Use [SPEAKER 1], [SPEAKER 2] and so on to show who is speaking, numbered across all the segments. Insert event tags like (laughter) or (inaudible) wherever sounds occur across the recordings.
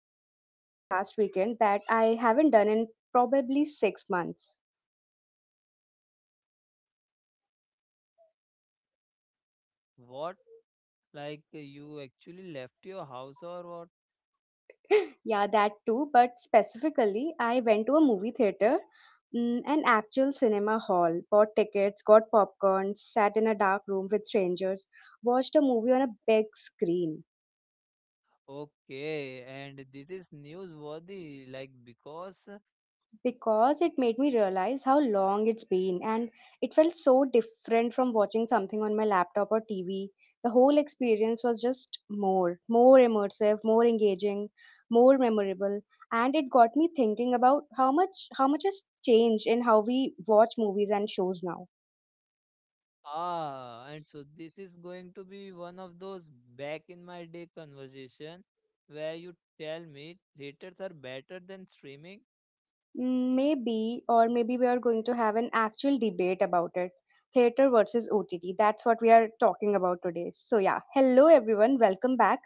[SPEAKER 1] I did something last weekend that I haven't done in probably 6 months.
[SPEAKER 2] What? Like you actually left your house or what?
[SPEAKER 1] (laughs) Yeah, that too, but specifically, I went to a movie theater, an actual cinema hall, bought tickets, got popcorn, sat in a dark room with strangers, watched a movie on a big screen.
[SPEAKER 2] Okay, and this is newsworthy, like because
[SPEAKER 1] Because it made me realize how long it's been, and it felt so different from watching something on my laptop or TV. The whole experience was just more immersive, more engaging, more memorable, and it got me thinking about how much has changed in how we watch movies and shows now.
[SPEAKER 2] ah, and so this is going to be one of those back in my day conversation where you tell me theaters are better than streaming.
[SPEAKER 1] Maybe, or maybe we are going to have an actual debate about it. Theater versus OTT. That's what we are talking about today. So, yeah. Hello, everyone. Welcome back.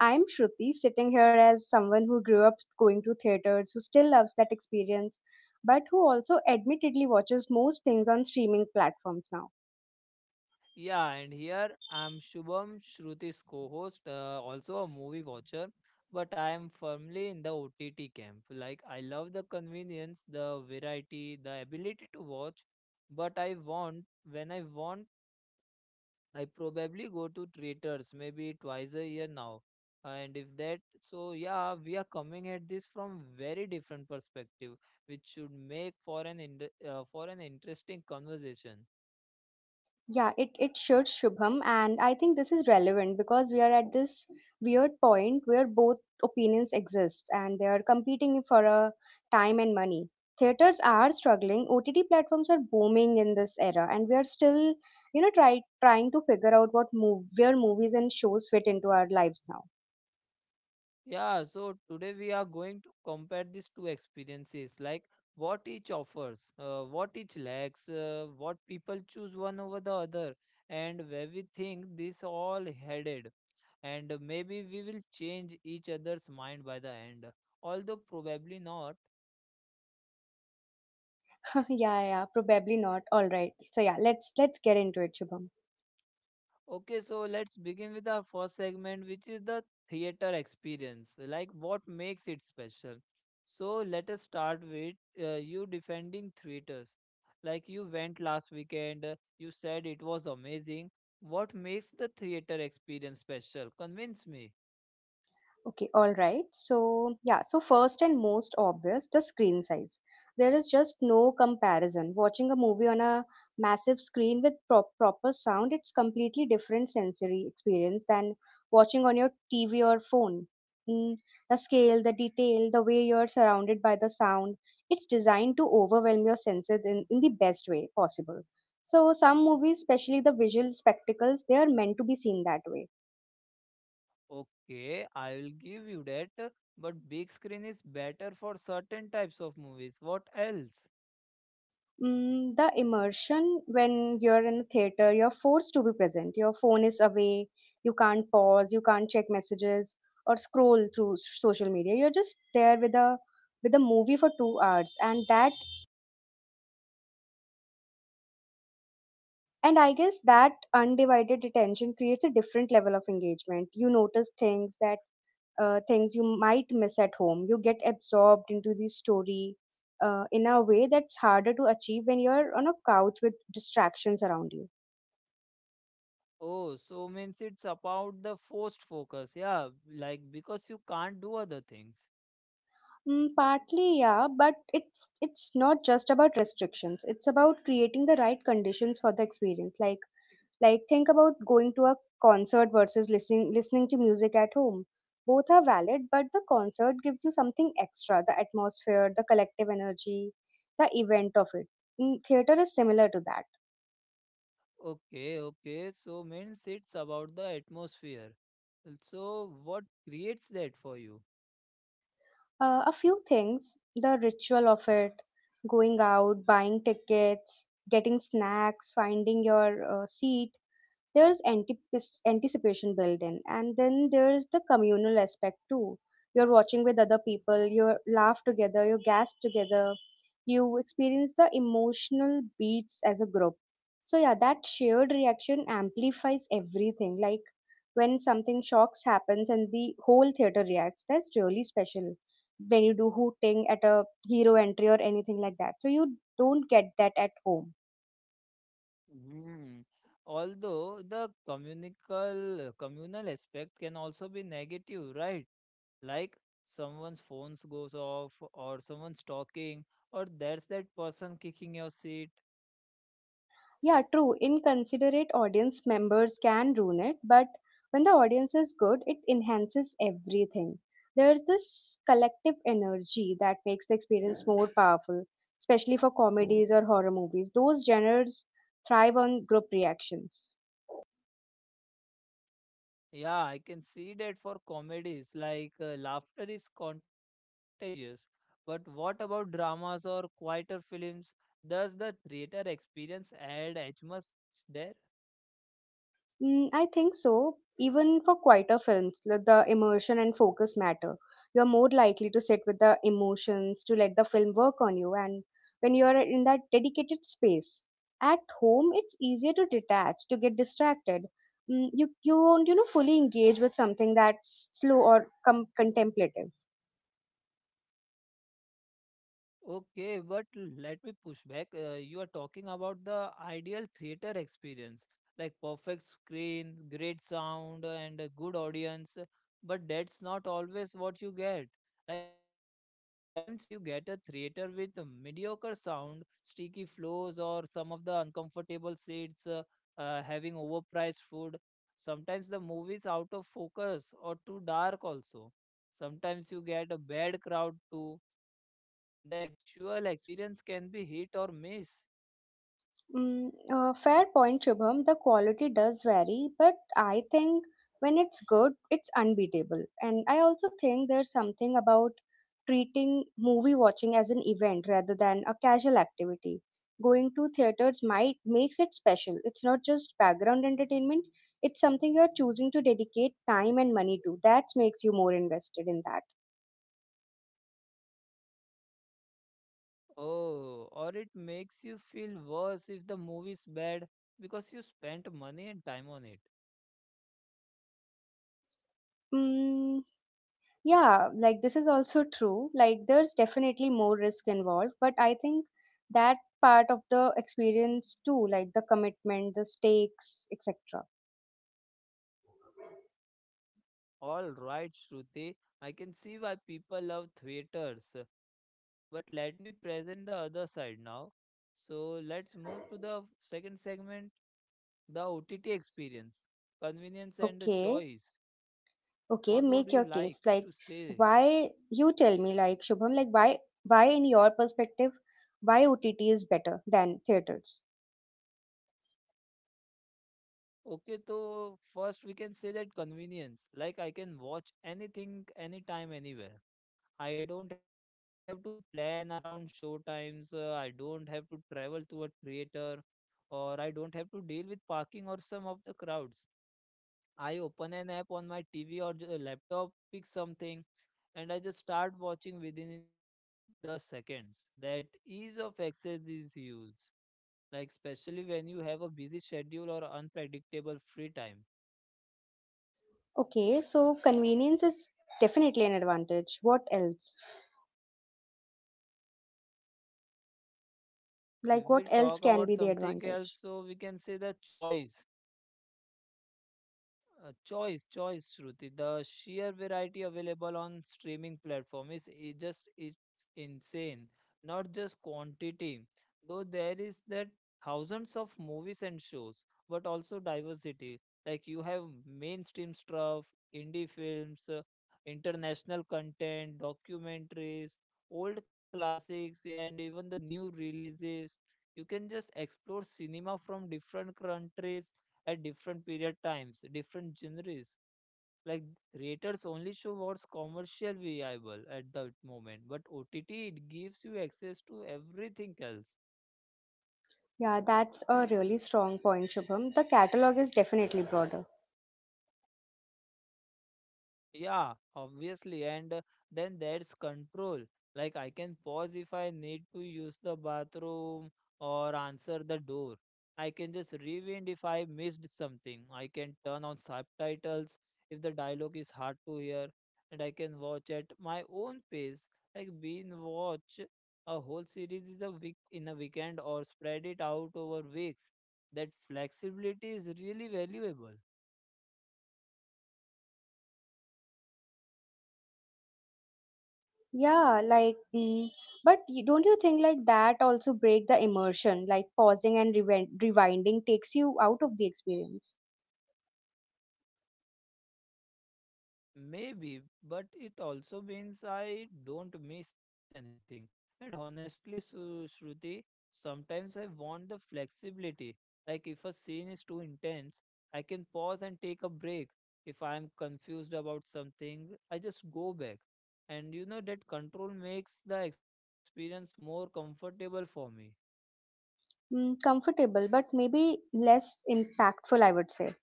[SPEAKER 1] I'm Shruti, sitting here as someone who grew up going to theaters, who still loves that experience, but who also admittedly watches most things on streaming platforms now.
[SPEAKER 2] Yeah, and here I'm Shubham, Shruti's co-host, also a movie watcher, but I am firmly in the OTT camp. Like I love the convenience, the variety, the ability to watch, but I want when I want, I probably go to theaters maybe 2 times a year now. And if that, so yeah, we are coming at this from very different perspective, which should make for an for an interesting conversation.
[SPEAKER 1] Yeah, it should, Shubham. And I think this is relevant because we are at this weird point where both opinions exist and they are competing for a time and money. Theaters are struggling, OTT platforms are booming in this era, and we are still, trying to figure out where movies and shows fit into our lives now.
[SPEAKER 2] Yeah, so today we are going to compare these two experiences, like what each offers, what each lacks, what people choose one over the other, and where we think this all headed. And maybe we will change each other's mind by the end, although probably not.
[SPEAKER 1] (laughs) Yeah, probably not. All right. So yeah, let's get into it, Shubham.
[SPEAKER 2] Okay, so let's begin with our first segment, which is the theater experience. Like, what makes it special? So, let us start with you defending theaters. Like, you went last weekend, you said it was amazing. What makes the theater experience special? Convince me.
[SPEAKER 1] Okay, all right. So, yeah, so first and most obvious, the screen size. There is just no comparison. Watching a movie on a massive screen with proper sound, it's completely different sensory experience than watching on your TV or phone. Mm, the scale, the detail, the way you're surrounded by the sound, it's designed to overwhelm your senses in the best way possible. So, some movies, especially the visual spectacles, they are meant to be seen that way.
[SPEAKER 2] Okay, I will give you that, but big screen is better for certain types of movies. What else?
[SPEAKER 1] The immersion when you're in a theater, you're forced to be present. Your phone is away, you can't pause, you can't check messages or scroll through social media. You're just there with a movie for 2 hours, and that and I guess that undivided attention creates a different level of engagement. You notice things you might miss at home. You get absorbed into the story in a way that's harder to achieve when you're on a couch with distractions around you.
[SPEAKER 2] Oh, so means it's about the forced focus. Yeah, like because you can't do other things.
[SPEAKER 1] Partly, yeah, but it's not just about restrictions. It's about creating the right conditions for the experience. Like think about going to a concert versus listening to music at home. Both are valid, but the concert gives you something extra, the atmosphere, the collective energy, the event of it. Theater is similar to that.
[SPEAKER 2] Okay, okay. So means it's about the atmosphere. So what creates that for you?
[SPEAKER 1] A few things, the ritual of it, going out, buying tickets, getting snacks, finding your seat. There's anticipation built in, and then there's the communal aspect too. You're watching with other people, you laugh together, you gasp together, you experience the emotional beats as a group. So yeah, that shared reaction amplifies everything. Like when something shocks happens and the whole theater reacts, that's really special. When you do hooting at a hero entry or anything like that, so you don't get that at home.
[SPEAKER 2] Hmm. Although the communical communal aspect can also be negative, right? Like someone's phones goes off or someone's talking or there's that person kicking your seat.
[SPEAKER 1] Yeah, true. Inconsiderate audience members can ruin it, but when the audience is good, it enhances everything. There's this collective energy that makes the experience more powerful, especially for comedies or horror movies. Those genres thrive on group reactions.
[SPEAKER 2] Yeah, I can see that for comedies, like laughter is contagious. But what about dramas or quieter films? Does the theater experience add as much there?
[SPEAKER 1] I think so. Even for quieter films, like the immersion and focus matter. You're more likely to sit with the emotions, to let the film work on you, and when you're in that dedicated space. At home, it's easier to detach, to get distracted. You won't, you know, fully engage with something that's slow or contemplative.
[SPEAKER 2] Okay, but let me push back. You are talking about the ideal theater experience, like perfect screen, great sound, and a good audience. But that's not always what you get. Like sometimes you get a theater with a mediocre sound, sticky floors, or some of the uncomfortable seats, having overpriced food. Sometimes the movie's out of focus or too dark also. Sometimes you get a bad crowd too, the actual experience can be hit or miss.
[SPEAKER 1] Fair point, Shubham. The quality does vary, but I think when it's good, it's unbeatable. And I also think there's something about treating movie watching as an event rather than a casual activity. Going to theaters might makes it special. It's not just background entertainment. It's something you're choosing to dedicate time and money to. That makes you more invested in that.
[SPEAKER 2] Oh, or it makes you feel worse if the movie's bad because you spent money and time on it.
[SPEAKER 1] Mm, Yeah, like this is also true. Like there's definitely more risk involved, but I think that part of the experience too, like the commitment, the stakes, etc.
[SPEAKER 2] All right, Shruti, I can see why people love theaters. But let me present the other side now. So let's move to the second segment, the OTT experience, convenience and the
[SPEAKER 1] Okay,
[SPEAKER 2] choice. What
[SPEAKER 1] okay,
[SPEAKER 2] would
[SPEAKER 1] make
[SPEAKER 2] you
[SPEAKER 1] your case.
[SPEAKER 2] like
[SPEAKER 1] Like
[SPEAKER 2] to say?
[SPEAKER 1] why you tell me like Shubham, like why in your perspective why OTT is better than theaters?
[SPEAKER 2] Okay, so first we can say that convenience. Like I can watch anything, anytime, anywhere. I don't have to plan around show times. I don't have to travel to a theater, or I don't have to deal with parking or some of the crowds. I open an app on my TV or laptop, pick something, and I just start watching within the seconds. That ease of access is huge. Like especially when you have a busy schedule or unpredictable free time.
[SPEAKER 1] Okay, so convenience is definitely an advantage. What else?
[SPEAKER 2] If we talk about
[SPEAKER 1] Like, what
[SPEAKER 2] something
[SPEAKER 1] else
[SPEAKER 2] else,
[SPEAKER 1] can be the
[SPEAKER 2] so we can say the
[SPEAKER 1] advantage?
[SPEAKER 2] choice. Choice, Shruti. The sheer variety available on streaming platform is just it's insane. Not just quantity, though there is that, thousands of movies and shows, but also diversity. Like you have mainstream stuff, indie films, international content, documentaries, old classics, and even the new releases. You can just explore cinema from different countries at different period times, different genres. Like creators only show what's commercial viable at that moment, but OTT it gives you access to everything else.
[SPEAKER 1] Yeah, that's a really strong point, Shubham. The catalog is definitely broader.
[SPEAKER 2] Yeah, obviously. And then there's control. Like I can pause if I need to use the bathroom or answer the door. I can just rewind if I missed something. I can turn on subtitles if the dialogue is hard to hear. And I can watch at my own pace. Like being watch a whole series is a week in a weekend or spread it out over weeks. That flexibility is really valuable.
[SPEAKER 1] Yeah, like, mm, but don't you think like that also break the immersion? Like rewinding takes you out of the experience.
[SPEAKER 2] Maybe, but it also means I don't miss anything. And honestly, Shruti, sometimes I want the flexibility. Like if a scene is too intense, I can pause and take a break. If I am confused about something, I just go back. And you know that control makes the experience more comfortable for me.
[SPEAKER 1] Comfortable, but maybe less impactful, I would say.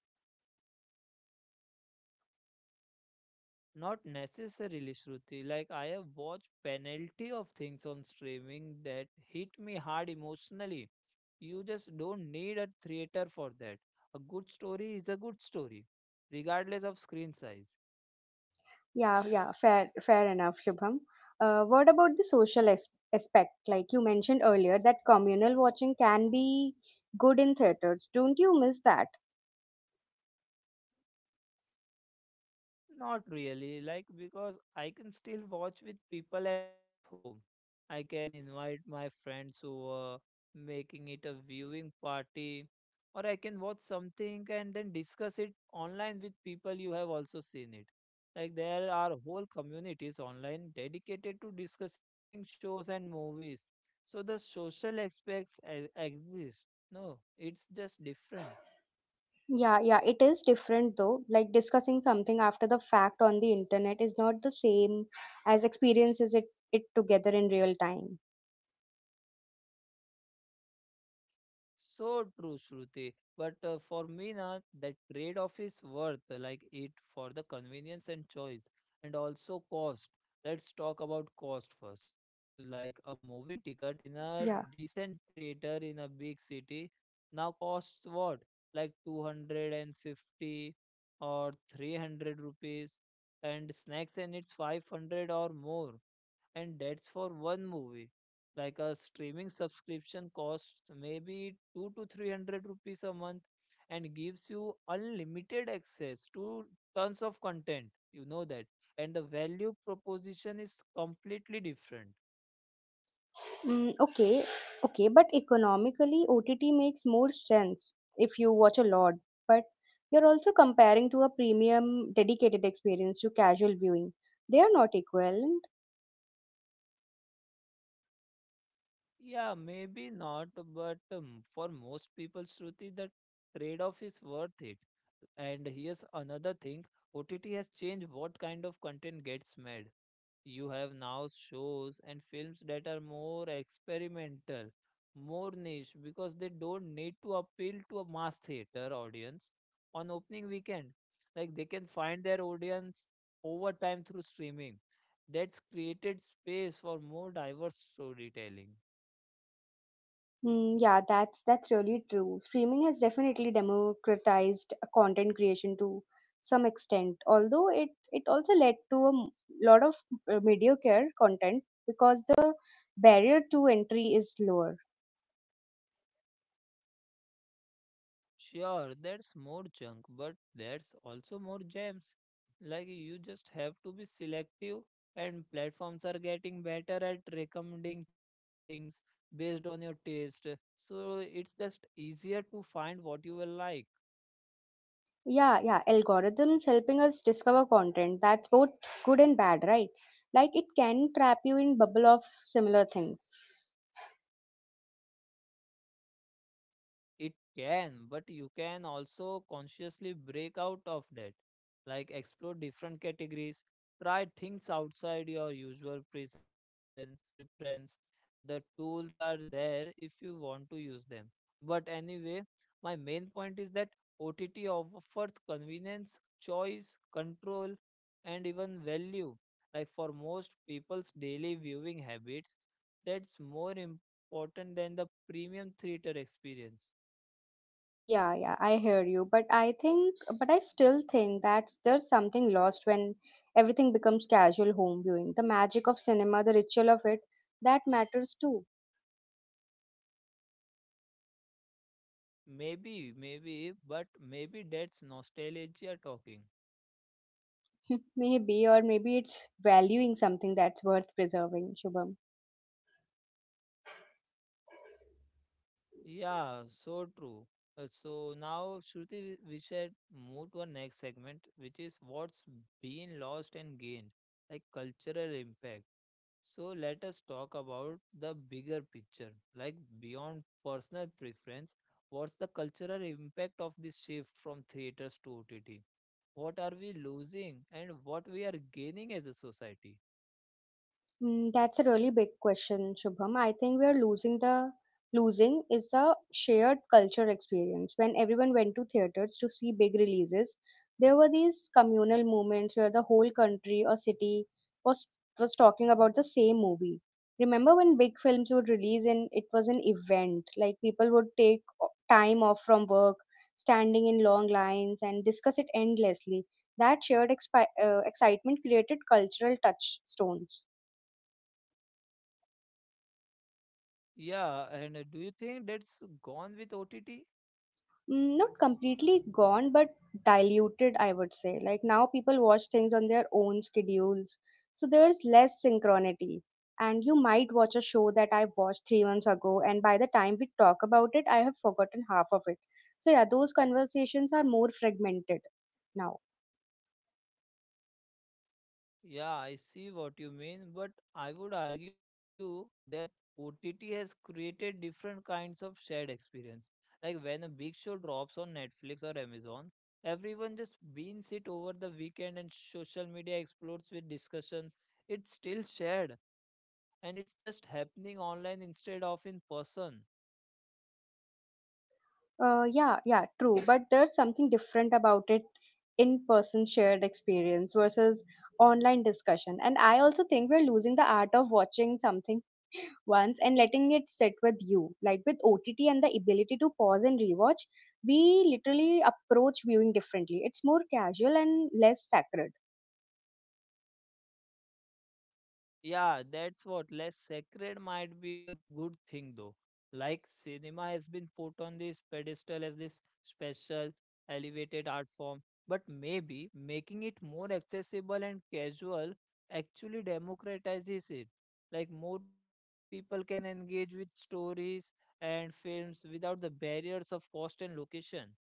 [SPEAKER 2] Not necessarily, Shruti. Like I have watched penalty of things on streaming that hit me hard emotionally. You just don't need a theater for that. A good story is a good story, regardless of screen size.
[SPEAKER 1] Fair enough, Shubham. What about the social aspect? Like you mentioned earlier, that communal watching can be good in theaters. Don't you miss that?
[SPEAKER 2] Not really, like because I can still watch with people at home. I can invite my friends over, making it a viewing party, or I can watch something and then discuss it online with people you have also seen it. Like there are whole communities online dedicated to discussing shows and movies. So the social aspects exist. No, it's just different.
[SPEAKER 1] Yeah, yeah, it is different though. Like discussing something after the fact on the internet is not the same as experiences it together in real time.
[SPEAKER 2] So true, Shruti. But for me, na, that trade-off is worth like it for the convenience and choice, and also cost. Let's talk about cost first. Like a movie ticket in a
[SPEAKER 1] Yeah.
[SPEAKER 2] decent theater in a big city now costs what? Like 250 or 300 rupees, and snacks and it's 500 or more, and that's for one movie. Like a streaming subscription costs maybe 2 to 300 rupees a month and gives you unlimited access to tons of content, you know that, and the value proposition is completely different.
[SPEAKER 1] Okay, okay, but economically, OTT makes more sense if you watch a lot, but you're also comparing to a premium dedicated experience to casual viewing. They are not equivalent.
[SPEAKER 2] Yeah, maybe not, but for most people, Shruti, the trade-off is worth it. And here's another thing, OTT has changed what kind of content gets made. You have now shows and films that are more experimental, more niche because they don't need to appeal to a mass theater audience on opening weekend. Like they can find their audience over time through streaming. That's created space for more diverse storytelling.
[SPEAKER 1] Yeah, that's really true. Streaming has definitely democratized content creation to some extent, although it also led to a lot of mediocre content because the barrier to entry is lower.
[SPEAKER 2] Sure, there's more junk, but there's also more gems. Like you just have to be selective, and platforms are getting better at recommending things based on your taste. So it's just easier to find what you will like.
[SPEAKER 1] Yeah, Algorithms helping us discover content. That's both good and bad, right? Like it can trap you in bubble of similar things.
[SPEAKER 2] It can, but you can also consciously break out of that. Like explore different categories, try things outside your usual present preference. The tools are there if you want to use them. But anyway, my main point is that OTT offers convenience, choice, control, and even value. Like for most people's daily viewing habits, that's more important than the premium theater experience.
[SPEAKER 1] Yeah, I hear you, but I still think that there's something lost when everything becomes casual home viewing. The magic of cinema, the ritual of it, that matters too.
[SPEAKER 2] Maybe, maybe, but maybe that's nostalgia talking.
[SPEAKER 1] (laughs) Maybe, or maybe it's valuing something that's worth preserving, Shubham.
[SPEAKER 2] Yeah, so true. So now, Shruti, we should move to our next segment, which is what's been lost and gained, like cultural impact. So let us talk about the bigger picture, like beyond personal preference, what's the cultural impact of this shift from theaters to OTT? What are we losing and what we are gaining as a society?
[SPEAKER 1] That's a really big question, Shubham. I think we are losing is a shared culture experience. When everyone went to theaters to see big releases, there were these communal moments where the whole country or city was was talking about the same movie. Remember when big films would release and it was an event, like people would take time off from work, standing in long lines and discuss it endlessly. That shared excitement created cultural touchstones.
[SPEAKER 2] Yeah, and do you think that's gone with OTT?
[SPEAKER 1] Not completely gone, but diluted, I would say. Like now people watch things on their own schedules, so there's less synchronicity, and you might watch a show that I watched 3 months ago, and by the time we talk about it, I have forgotten half of it. So yeah, those conversations are more fragmented now.
[SPEAKER 2] Yeah, I see what you mean, but I would argue that OTT has created different kinds of shared experience. Like when a big show drops on Netflix or Amazon, everyone just binges it over the weekend and social media explodes with discussions. It's still shared, and it's just happening online instead of in person.
[SPEAKER 1] Yeah True, but there's something different about it. In person shared experience versus online discussion. And I also think we're losing the art of watching something once and letting it sit with you. Like with OTT and the ability to pause and rewatch, we literally approach viewing differently. It's more casual and less sacred.
[SPEAKER 2] Yeah, that's what. Less sacred might be a good thing, though. Like cinema has been put on this pedestal as this special, elevated art form, but maybe making it more accessible and casual actually democratizes it. Like more people can engage with stories and films without the barriers of cost and location.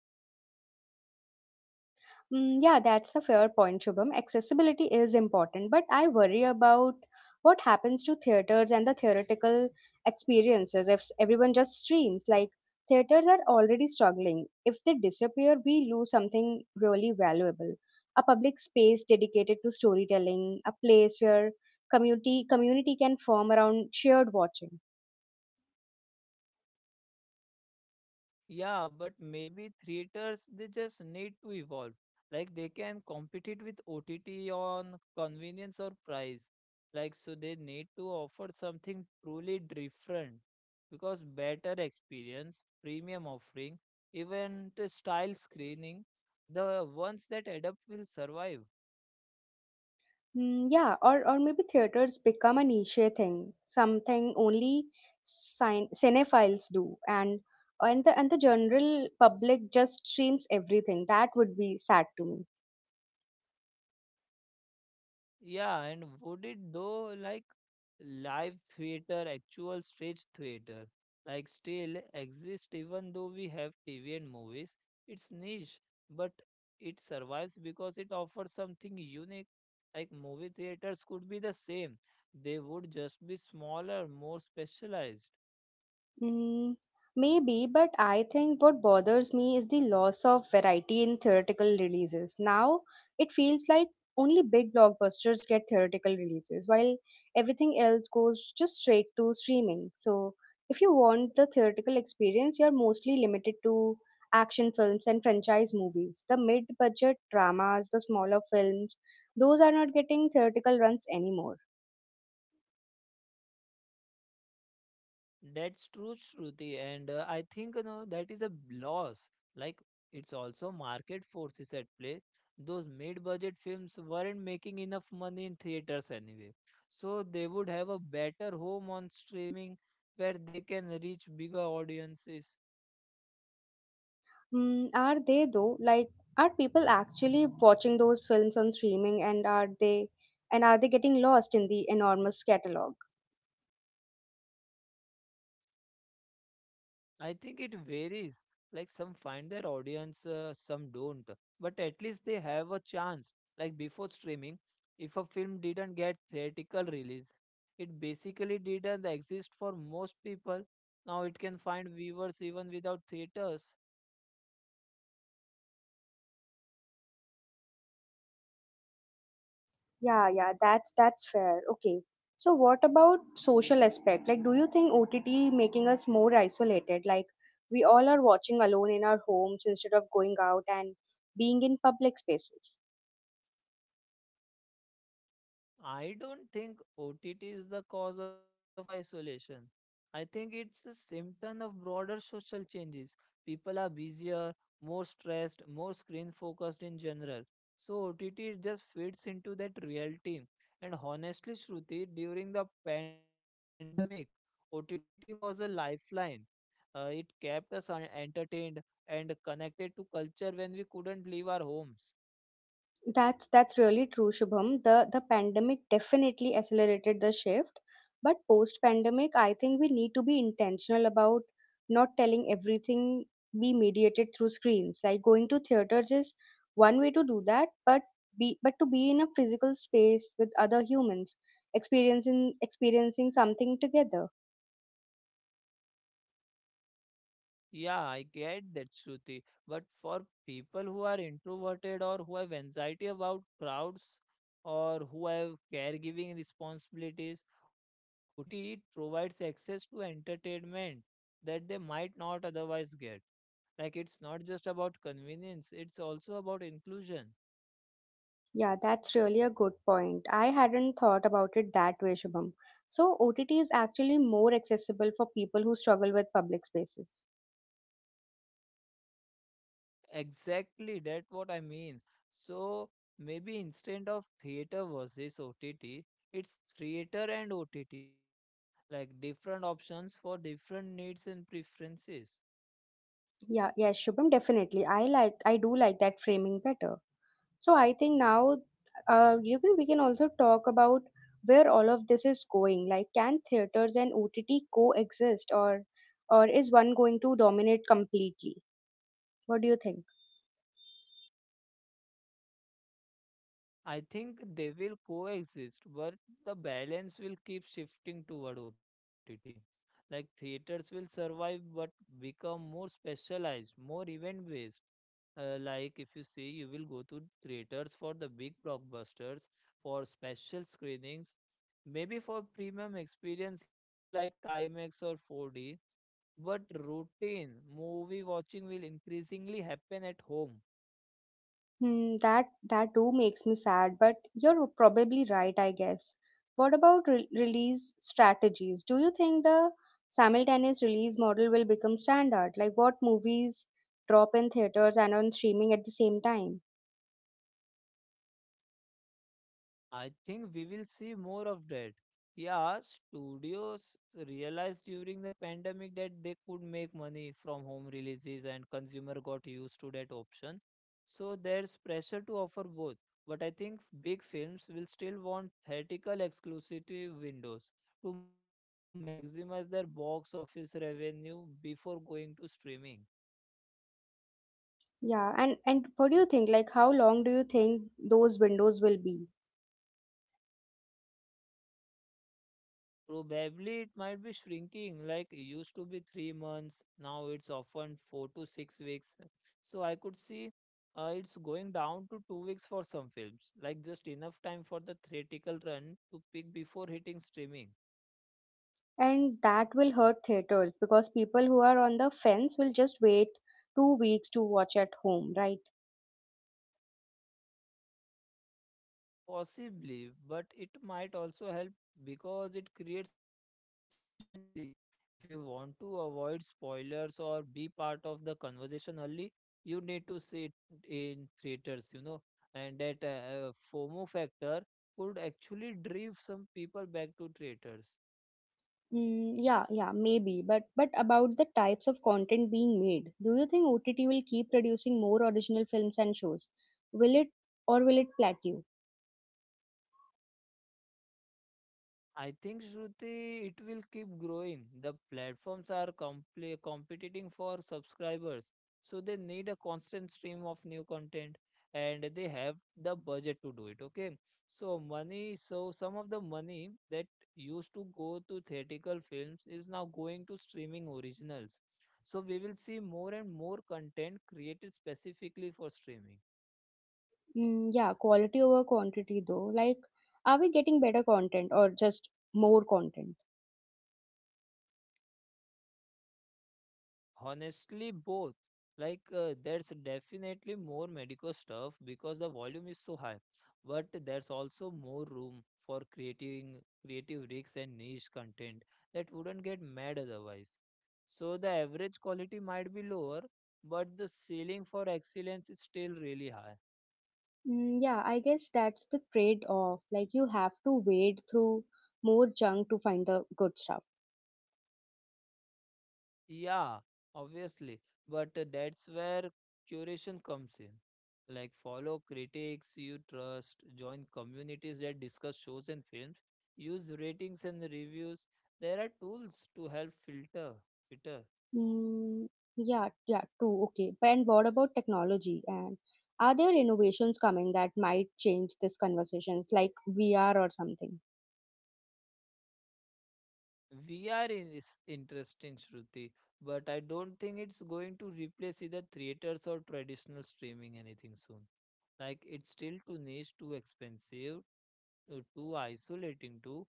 [SPEAKER 1] Yeah, that's a fair point, Shubham. Accessibility is important, but I worry about what happens to theaters and the theoretical experiences if everyone just streams. Like, theaters are already struggling. If they disappear, we lose something really valuable, a public space dedicated to storytelling, a place where community can form around shared watching.
[SPEAKER 2] Yeah, but maybe theaters they just need to evolve. Like they can compete it with OTT on convenience or price. Like so they need to offer something truly different because better experience, premium offering, even the style screening, the ones that adapt will survive.
[SPEAKER 1] Yeah, or maybe theaters become a niche thing, something only cinephiles do, and the general public just streams everything. That would be sad to me.
[SPEAKER 2] Yeah, and would it though, like live theater, actual stage theater, like still exist even though we have TV and movies? It's niche, but it survives because it offers something unique. Like movie theaters could be the same, they would just be smaller, more specialized.
[SPEAKER 1] Mm, Maybe, but I think what bothers me is the loss of variety in theoretical releases. Now, it feels like only big blockbusters get theoretical releases, while everything else goes just straight to streaming. So, if you want the theoretical experience, you're mostly limited to action films and franchise movies. The mid budget dramas, the smaller films, those are not getting theoretical runs anymore.
[SPEAKER 2] That's true, Shruti, and I think you know that is a loss. Like it's also market forces at play. Those mid-budget films weren't making enough money in theaters anyway, so they would have a better home on streaming where they can reach bigger audiences.
[SPEAKER 1] Are they though? Like, are people actually watching those films on streaming, and are they getting lost in the enormous catalog?
[SPEAKER 2] I think it varies. Like some find their audience, some don't. But at least they have a chance. Like before streaming, if a film didn't get theatrical release, it basically didn't exist for most people. Now it can find viewers even without theaters.
[SPEAKER 1] Yeah, that's fair. Okay. So what about social aspect? Like, do you think OTT making us more isolated? Like, we all are watching alone in our homes instead of going out and being in public spaces.
[SPEAKER 2] I don't think OTT is the cause of isolation. I think it's a symptom of broader social changes. People are busier, more stressed, more screen focused in general. So OTT just fits into that reality. And honestly, Shruti, during the pandemic, OTT was a lifeline. It kept us entertained and connected to culture when we couldn't leave our homes.
[SPEAKER 1] That's really true, Shubham. The pandemic definitely accelerated the shift, but post pandemic, I think we need to be intentional about not telling everything be mediated through screens. Like going to theaters is one way to do that, but be but to be in a physical space with other humans, experiencing something together.
[SPEAKER 2] Yeah, I get that, Shruti. But for people who are introverted or who have anxiety about crowds or who have caregiving responsibilities, OTT it provides access to entertainment that they might not otherwise get. Like it's not just about convenience, it's also about inclusion.
[SPEAKER 1] Yeah, that's really a good point. I hadn't thought about it that way, Shubham. So OTT is actually more accessible for people who struggle with public spaces.
[SPEAKER 2] Exactly, that's what I mean. So maybe instead of theater versus OTT, it's theater and OTT, like different options for different needs and preferences.
[SPEAKER 1] Yeah, yeah, Shubham, definitely. I do like that framing better. So I think now, you can we can also talk about where all of this is going. Like, can theaters and OTT coexist, or is one going to dominate completely? What do you think?
[SPEAKER 2] I think they will coexist, but the balance will keep shifting toward OTT. Like theaters will survive but become more specialized, more event based. Like if you see, you will go to theaters for the big blockbusters, for special screenings, maybe for premium experience like IMAX or 4D. But routine movie watching will increasingly happen at home.
[SPEAKER 1] That too makes me sad, but you're probably right, I guess. What about release strategies? Do you think the simultaneous release model will become standard? Like what movies drop in theaters and on streaming at the same time?
[SPEAKER 2] I think we will see more of that. Yeah, studios realized during the pandemic that they could make money from home releases and consumer got used to that option. So there's pressure to offer both. But I think big films will still want theatrical exclusivity windows to maximize their box office revenue before going to streaming.
[SPEAKER 1] Yeah, and what do you think? Like how long do you think those windows will be?
[SPEAKER 2] Probably it might be shrinking, like it used to be 3 months, now it's often 4 to 6 weeks. So I could see it's going down to 2 weeks for some films, like just enough time for the theatrical run to peak before hitting streaming.
[SPEAKER 1] And that will hurt theaters because people who are on the fence will just wait 2 weeks to watch at home, right?
[SPEAKER 2] Possibly, but it might also help because it creates urgency. If you want to avoid spoilers or be part of the conversation early, you need to see it in theaters, you know, and that FOMO factor could actually drive some people back to theaters.
[SPEAKER 1] Mm, yeah, yeah, maybe. But about the types of content being made, do you think OTT will keep producing more original films and shows? Will it or will it plateau?
[SPEAKER 2] I think, Shruti, it will keep growing. The platforms are competing for subscribers, so they need a constant stream of new content and they have the budget to do it. Okay, so money, so some of the money that used to go to theatrical films is now going to streaming originals. So we will see more and more content created specifically for streaming.
[SPEAKER 1] Mm, yeah, quality over quantity though. Like, are we getting better content or just more content?
[SPEAKER 2] Honestly, both. Like, there's definitely more medical stuff because the volume is so high, but there's also more room for creating creative rigs and niche content that wouldn't get mad otherwise. So the average quality might be lower, but the ceiling for excellence is still really high.
[SPEAKER 1] Mm, yeah, I guess that's the trade-off. Like, you have to wade through more junk to find the good stuff.
[SPEAKER 2] Yeah, obviously. But that's where curation comes in. Like, follow critics you trust, join communities that discuss shows and films, use ratings and reviews. There are tools to help filter.
[SPEAKER 1] Mm, yeah, yeah, true. Okay. But and what about technology? And are there innovations coming that might change this conversations, like VR or something?
[SPEAKER 2] VR in is interesting, Shruti, but I don't think it's going to replace either theaters or traditional streaming anything soon. Like, it's still too niche, too expensive, too isolating too.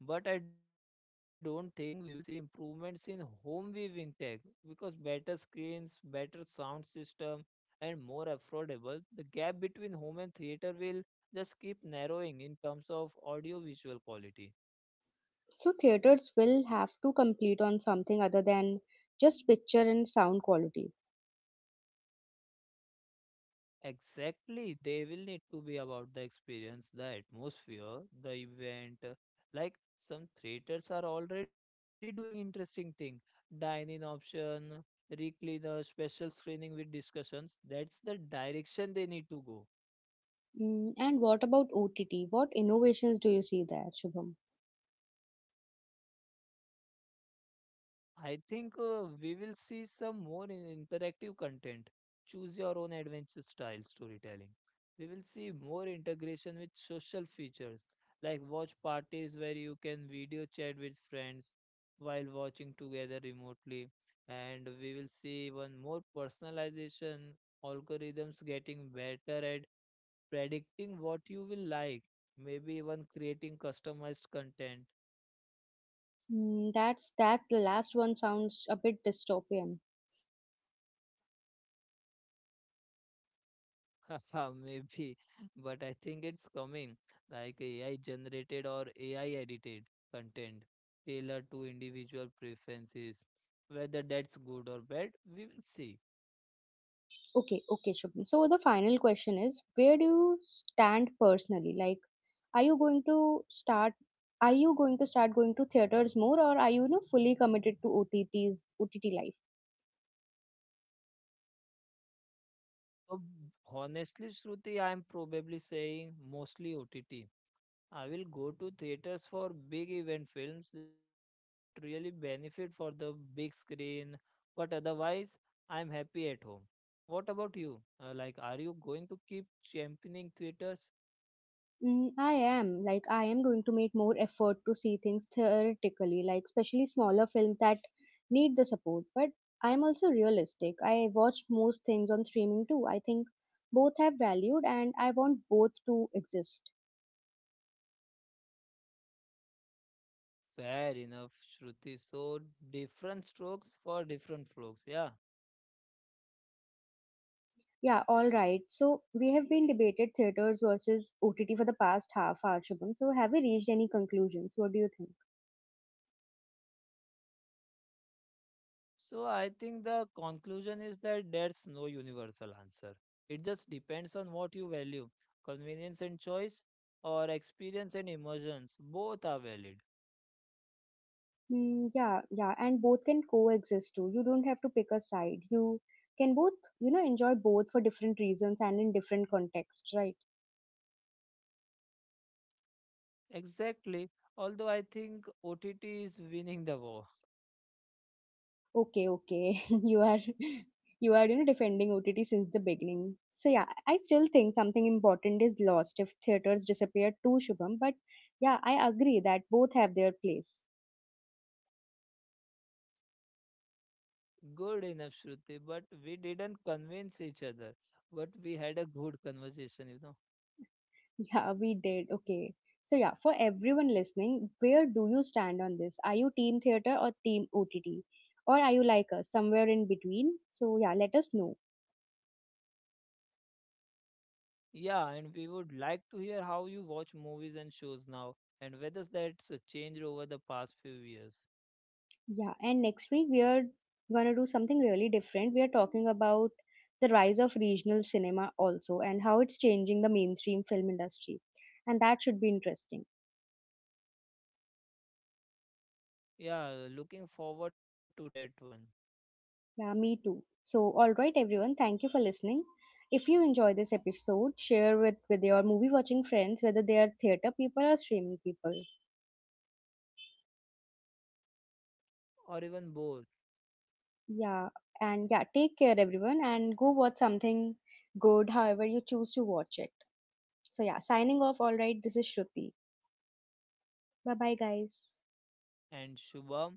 [SPEAKER 2] But I don't think we will see improvements in home viewing tech because better screens, better sound system, and more affordable, the gap between home and theater will just keep narrowing in terms of audio visual quality.
[SPEAKER 1] So theaters will have to complete on something other than just picture and sound quality.
[SPEAKER 2] Exactly, they will need to be about the experience, the atmosphere, the event. Like some theaters are already doing interesting thing, dine-in option, recliner, special screening with discussions. That's the direction they need to go.
[SPEAKER 1] Mm, and what about OTT? What innovations do you see there, Shubham?
[SPEAKER 2] I think we will see some more interactive content. Choose your own adventure style storytelling. We will see more integration with social features like watch parties where you can video chat with friends while watching together remotely. And we will see even more personalization algorithms getting better at predicting what you will like, maybe even creating customized content.
[SPEAKER 1] Mm, that's that. The last one sounds a bit dystopian.
[SPEAKER 2] (laughs) Maybe, but I think it's coming like AI generated or AI edited content tailored to individual preferences. Whether that's good or bad, we will see.
[SPEAKER 1] Okay, okay, Shubham. So the final question is, where do you stand personally? Are you going to start? Are you going to start going to theaters more, or are you, you know, fully committed to OTTs, OTT life?
[SPEAKER 2] So, honestly, Shruti, I'm probably saying mostly OTT. I will go to theaters for big event films that really benefit for the big screen, but otherwise, I'm happy at home. What about you? Like, are you going to keep championing theaters?
[SPEAKER 1] Mm, I am. Like, I am going to make more effort to see things theoretically, like especially smaller films that need the support. But I am also realistic. I watch most things on streaming too. I think both have valued, and I want both to exist.
[SPEAKER 2] Fair enough, Shruti. So, different strokes for different folks. Yeah.
[SPEAKER 1] Yeah, all right. So we have been debated theaters versus OTT for the past half hour, Shubham. So have we reached any conclusions? What do you think?
[SPEAKER 2] So, I think the conclusion is that there's no universal answer. It just depends on what you value convenience and choice, or experience and emotions. Both are valid.
[SPEAKER 1] Mm, yeah, yeah, and both can coexist too. You don't have to pick a side. You can both, you know, enjoy both for different reasons and in different contexts, right?
[SPEAKER 2] Exactly. Although I think OTT is winning the war.
[SPEAKER 1] Okay, okay. (laughs) You are, you know, defending OTT since the beginning. So yeah, I still think something important is lost if theaters disappear too, Shubham, but yeah, I agree that both have their place.
[SPEAKER 2] (laughs) Good enough, Shruti. But we didn't convince each other. But we had a good conversation, you know.
[SPEAKER 1] Yeah, we did. Okay. So yeah, for everyone listening, where do you stand on this? Are you team theater or team OTT? Or are you like us, somewhere in between? So yeah, let us know.
[SPEAKER 2] Yeah, and we would like to hear how you watch movies and shows now and whether that's changed over the past few years.
[SPEAKER 1] Yeah, and next week we are gonna do something really different. We are talking about the rise of regional cinema also and how it's changing the mainstream film industry. And that should be interesting.
[SPEAKER 2] Yeah, looking forward to that one
[SPEAKER 1] Yeah, me too. So, all right, everyone, thank you for listening. If you enjoy this episode, share with your movie watching friends, whether they are theater people or streaming people.
[SPEAKER 2] or even both.
[SPEAKER 1] Yeah, and yeah, take care, everyone, and go watch something good, however you choose to watch it. So, yeah, signing off. All right, this is Shruti. Bye bye, guys.
[SPEAKER 2] And Shubham,